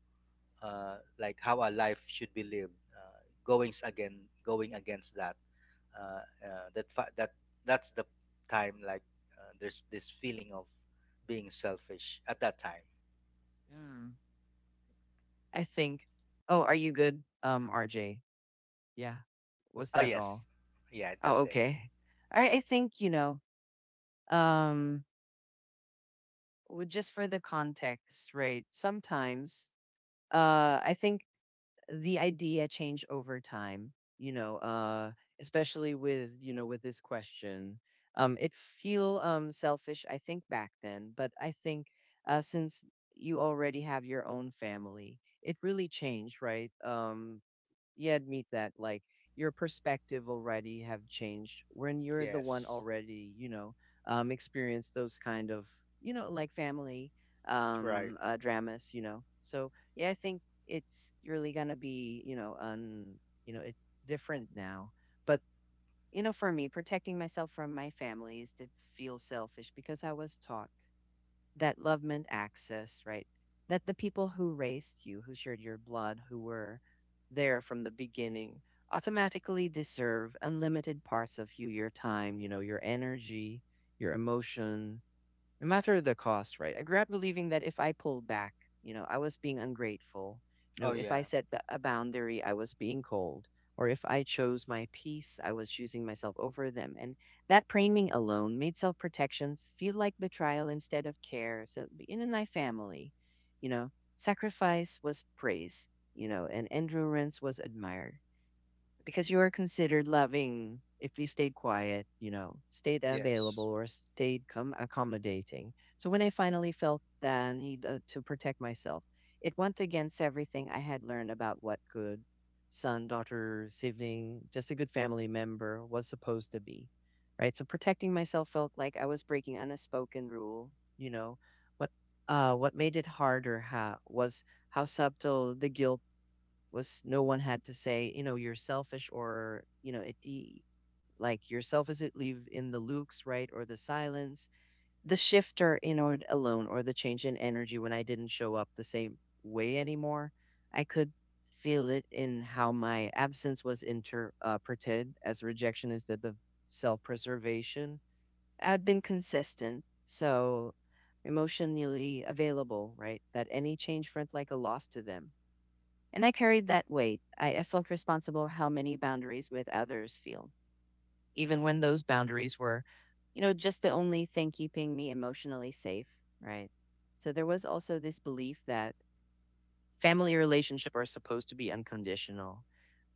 like how a life should be lived, goings again, going against that. That that's the time like there's this feeling of being selfish at that time. Mhm. I think. Oh, are you good, RJ? Yeah. Was Oh that all? yes, yeah, Oh, that's it. okay. I think, um, just for the context, right? Sometimes, I think the idea change over time, you know uh especially with you know with this question, it feel selfish I think back then, but I think since you already have your own family, it really changed, right? Yeah, admit that like your perspective already have changed when you're the one Yes. already, experienced those kind of, like family Right. Dramas, you know. So yeah, I think it's really gonna be, it different now. But for me, protecting myself from my family is to feel selfish because I was taught that love meant access, right? That the people who raised you, who shared your blood, who were there from the beginning, automatically deserve unlimited parts of you, your time, your energy, your emotion, no matter the cost, right? I grew up believing that if I pulled back, I was being ungrateful. You know, Oh if I yeah. set a boundary, I was being cold. Or if I chose my peace, I was choosing myself over them. And that framing alone made self protection feel like betrayal instead of care. So in my family, you know, sacrifice was praise, and endurance was admired because you are considered loving if you stayed quiet, stayed available Yes. or stayed accommodating. So when I finally felt the need to protect myself, it went against everything I had learned about what good son, daughter, sibling, just a good family member was supposed to be. Right. So protecting myself felt like I was breaking an unspoken rule, you know. What what made it harder was how subtle the guilt was. No one had to say, you're selfish, or, like yourself is it leave in the looks, right? Or the silence. The shifter in or alone or the change in energy when I didn't show up the same way anymore. I could feel it in how my absence was interpreted as rejection instead of self preservation. I'd been consistent. So emotionally available, right? That any change felt like a loss to them, and I carried that weight. I felt responsible how many boundaries with others feel, even when those boundaries were, just the only thing keeping me emotionally safe, right? So there was also this belief that family relationship are supposed to be unconditional,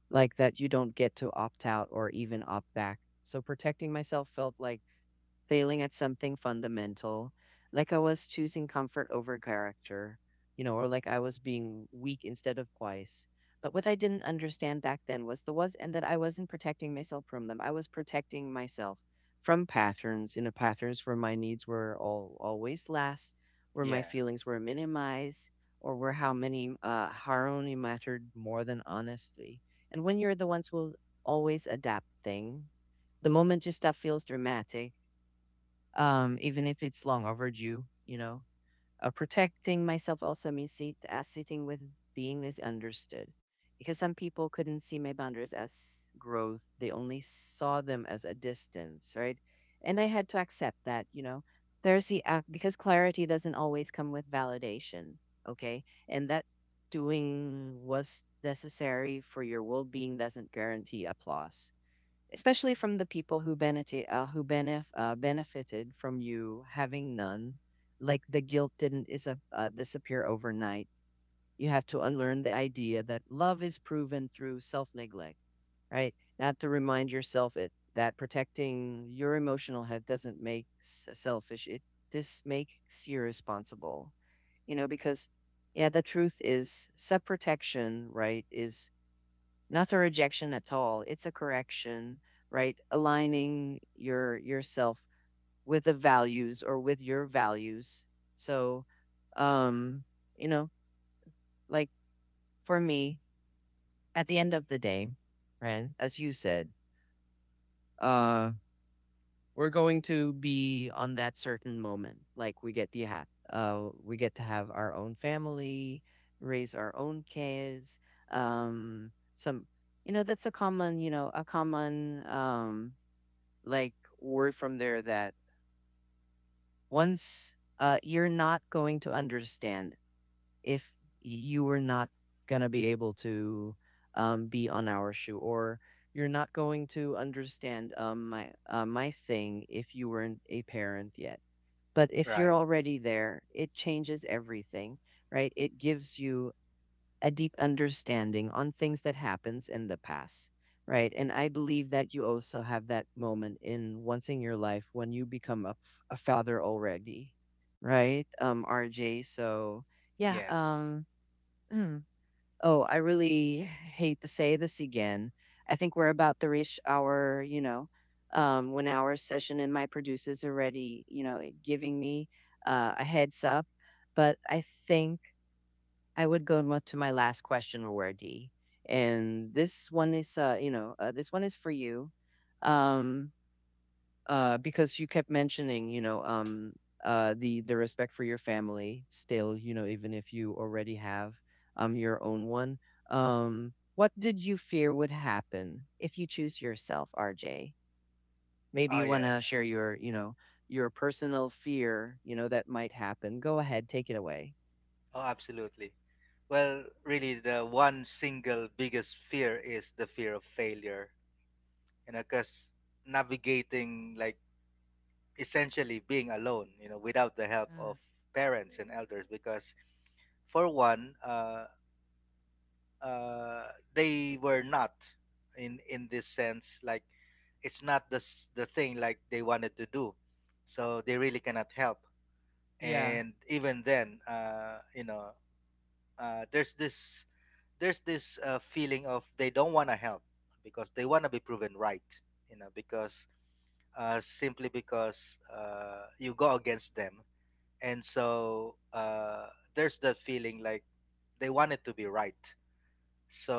like that you don't get to opt out or even opt back. So protecting myself felt like failing at something fundamental. Like I was choosing comfort over character, you know, or like I was being weak instead of wise. But what I didn't understand back then was the was and that I wasn't protecting myself from them. I was protecting myself from patterns, you know, patterns where my needs were all always last, where my Yeah. feelings were minimized, or where how many harmony mattered more than honesty. And when you're the ones who will always adapt thing, the moment you stop feels dramatic even if it's long overdue, you know. Protecting myself also means sitting with being misunderstood. Because some people couldn't see my boundaries as growth, they only saw them as a distance, right? And I had to accept that, you know. There's the act because clarity doesn't always come with validation, okay? And that doing was necessary for your well being doesn't guarantee applause, especially from the people who benefit benefited from you having none. Like the guilt didn't disappear overnight. You have to unlearn the idea that love is proven through self-neglect, right? Not to remind yourself it that protecting your emotional health doesn't make selfish, it just makes you responsible, you know, because yeah, the truth is self protection, right, is not a rejection at all. It's a correction, right? Aligning yourself with the values or with your values. So um you know, like for me, at the end of the day, right, as you said, uh we're going to be on that certain moment, like we get to have our own family, raise our own kids. Some, you know, a common like word from there, that once you're not going to understand if you were not going to be able to be on our shoe, or you're not going to understand my thing if you weren't a parent yet. But if you're Right. already there, it changes everything. Right, it gives you a deep understanding on things that happens in the past, right? And I believe that you also have that moment in once in your life when you become a father already, right? RJ. So yeah, Yes. um, mm. Oh, I really hate to say this again. I think we're about to reach our, you know, um, one hour session, and my producer's already, you know, giving me a heads up. But I think I would go to my last question, Wardy. And this one is, this one is for you, um, because you kept mentioning, the respect for your family still, you know, even if you already have your own one. What did you fear would happen if you choose yourself, RJ? Maybe Oh you want yeah, to yeah. share your, your personal fear, you know, that might happen. Go ahead, take it away. Oh absolutely. Well, really the one single biggest fear is the fear of failure. You know, cuz navigating like essentially being alone, you know, without the help of Mm, parents and elders. Because for one, uh they were not in, in this sense, like it's not the the thing like they wanted to do, so they really cannot help. yeah, And even then you know there's this feeling of they don't want to help because they want to be proven right, you know, because simply because you go against them. And so there's that feeling like they want it to be right,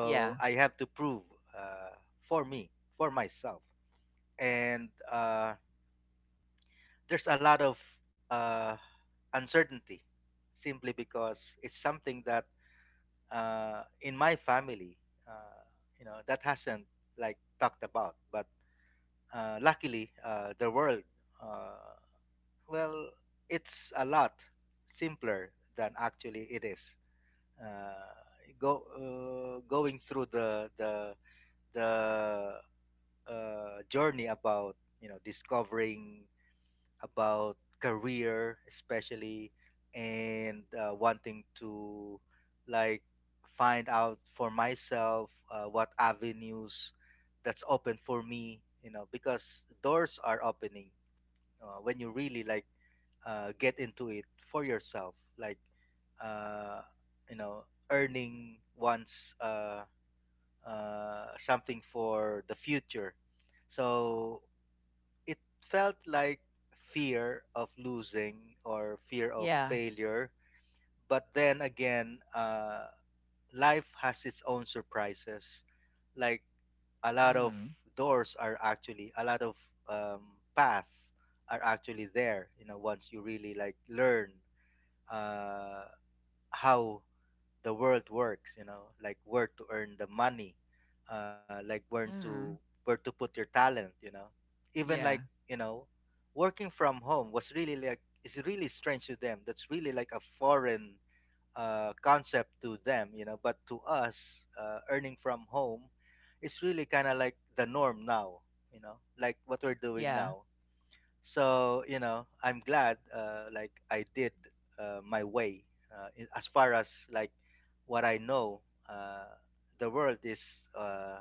yeah, I have to prove uh for me, for myself. And there's a lot of uh uncertainty simply because it's something that in my family, uh, you know, that hasn't like talked about. But luckily, the world, uh, well, it's a lot simpler than actually it is. Uh, go going through the the journey about you know discovering about career especially and wanting to like find out for myself what avenues that's open for me, you know, because doors are opening when you really like get into it for yourself like uh, you know earning one's something for the future. So it felt like fear of losing or fear of yeah. failure. But then again, life has its own surprises. Like a lot of Mm, doors are actually, a lot of paths are actually there, you know, once you really like learn uh, how the world works, you know, like where to earn the money, like where to, mm. where to put your talent, you know. Even like Yeah, you know working from home was really like is really strange to them, that's really like a foreign concept to them, you know. But to us, earning from home is really kind of like the norm now, you know, like what we're doing yeah, now. So you know I'm glad like I did my way. As far as like what I know, uh, the world is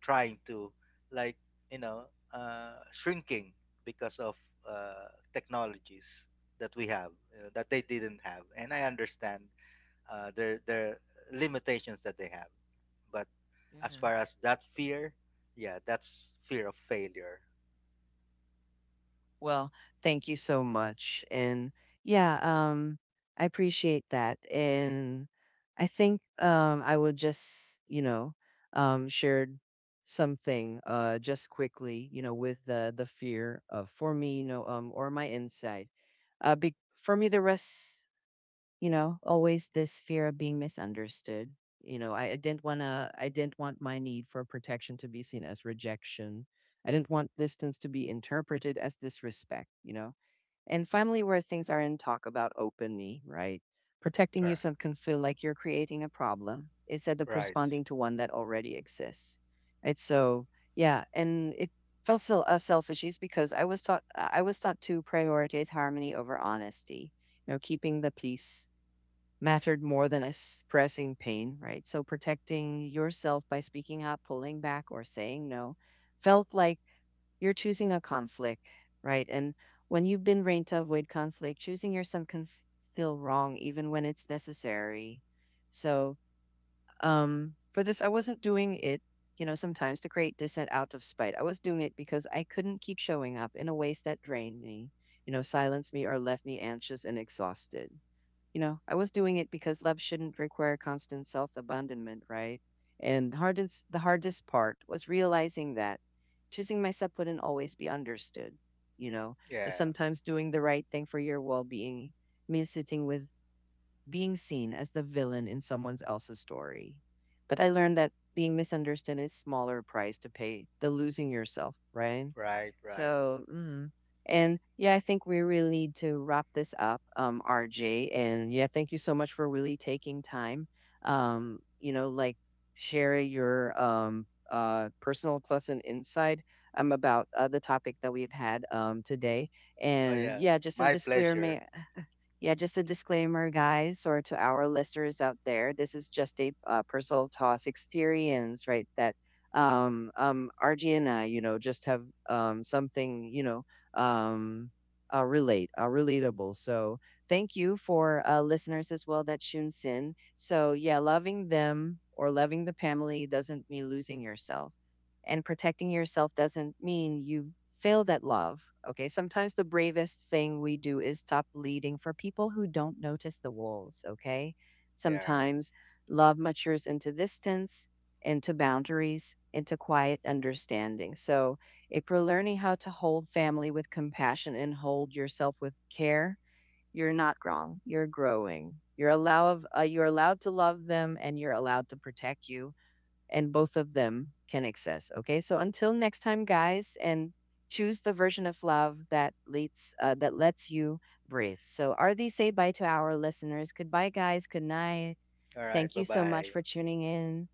trying to like you know shrinking because of uh, technologies that we have, you know, that they didn't have. And I understand their limitations that they have. But as yeah. far as that fear, yeah, that's fear of failure. Well, thank you so much. And yeah, um, I appreciate that. And I think I would just, you know, share something just quickly, you know, with the fear of for me, you know, or my insight. Uh, be, for me, the rest. You know, always this fear of being misunderstood, you know. I didn't want to, I didn't want my need for protection to be seen as rejection. I didn't want distance to be interpreted as disrespect, you know. And finally where things are in talk about openly, right, protecting Right, yourself can feel like you're creating a problem instead of right. responding to one that already exists. It's so yeah, and it felt so selfish is because I was taught to prioritize harmony over honesty, you know. Keeping the peace mattered more than expressing pain, right? So protecting yourself by speaking up, pulling back, or saying no felt like you're choosing a conflict, right? And when you've been trained to avoid conflict, choosing yourself can feel wrong even when it's necessary. So for this, I wasn't doing it, you know, sometimes to create dissent out of spite. I was doing it because I couldn't keep showing up in a ways that drained me, you know, silenced me, or left me anxious and exhausted. You know, I was doing it because love shouldn't require constant self abandonment, right? And the hardest part was realizing that choosing myself wouldn't always be understood. You know, that Yeah. sometimes doing the right thing for your well being means sitting with being seen as the villain in someone else's story. But I learned that being misunderstood is smaller price to pay than losing yourself, right? Right. right. So, mm. And yeah, I think we really need to wrap this up, RJ. And yeah, thank you so much for really taking time, you know, like share your personal plus and insight about the topic that we've had today. Oh And yeah. yeah, just a My pleasure. disclaimer, yeah, just a disclaimer, guys, or to our listeners out there, this is just a personal toss experience, right? That RG and I, you know, just have something, um, relatable. So thank you for listeners as well that tunes in. So yeah, loving them or loving the family doesn't mean losing yourself, and protecting yourself doesn't mean you failed at love. Okay. Sometimes the bravest thing we do is stop leading for people who don't notice the walls. Okay. Yeah. right. Sometimes love matures into distance, into boundaries, into quiet understanding. So if you're learning how to hold family with compassion and hold yourself with care, you're not wrong. You're growing. You're allowed to love them, and you're allowed to protect you, and both of them can access. Okay, so until next time, guys, and choose the version of love that leads that lets you breathe. So, RD, say bye to our listeners. Goodbye, guys. Good night. All right. Thank you so much Bye-bye. for tuning in.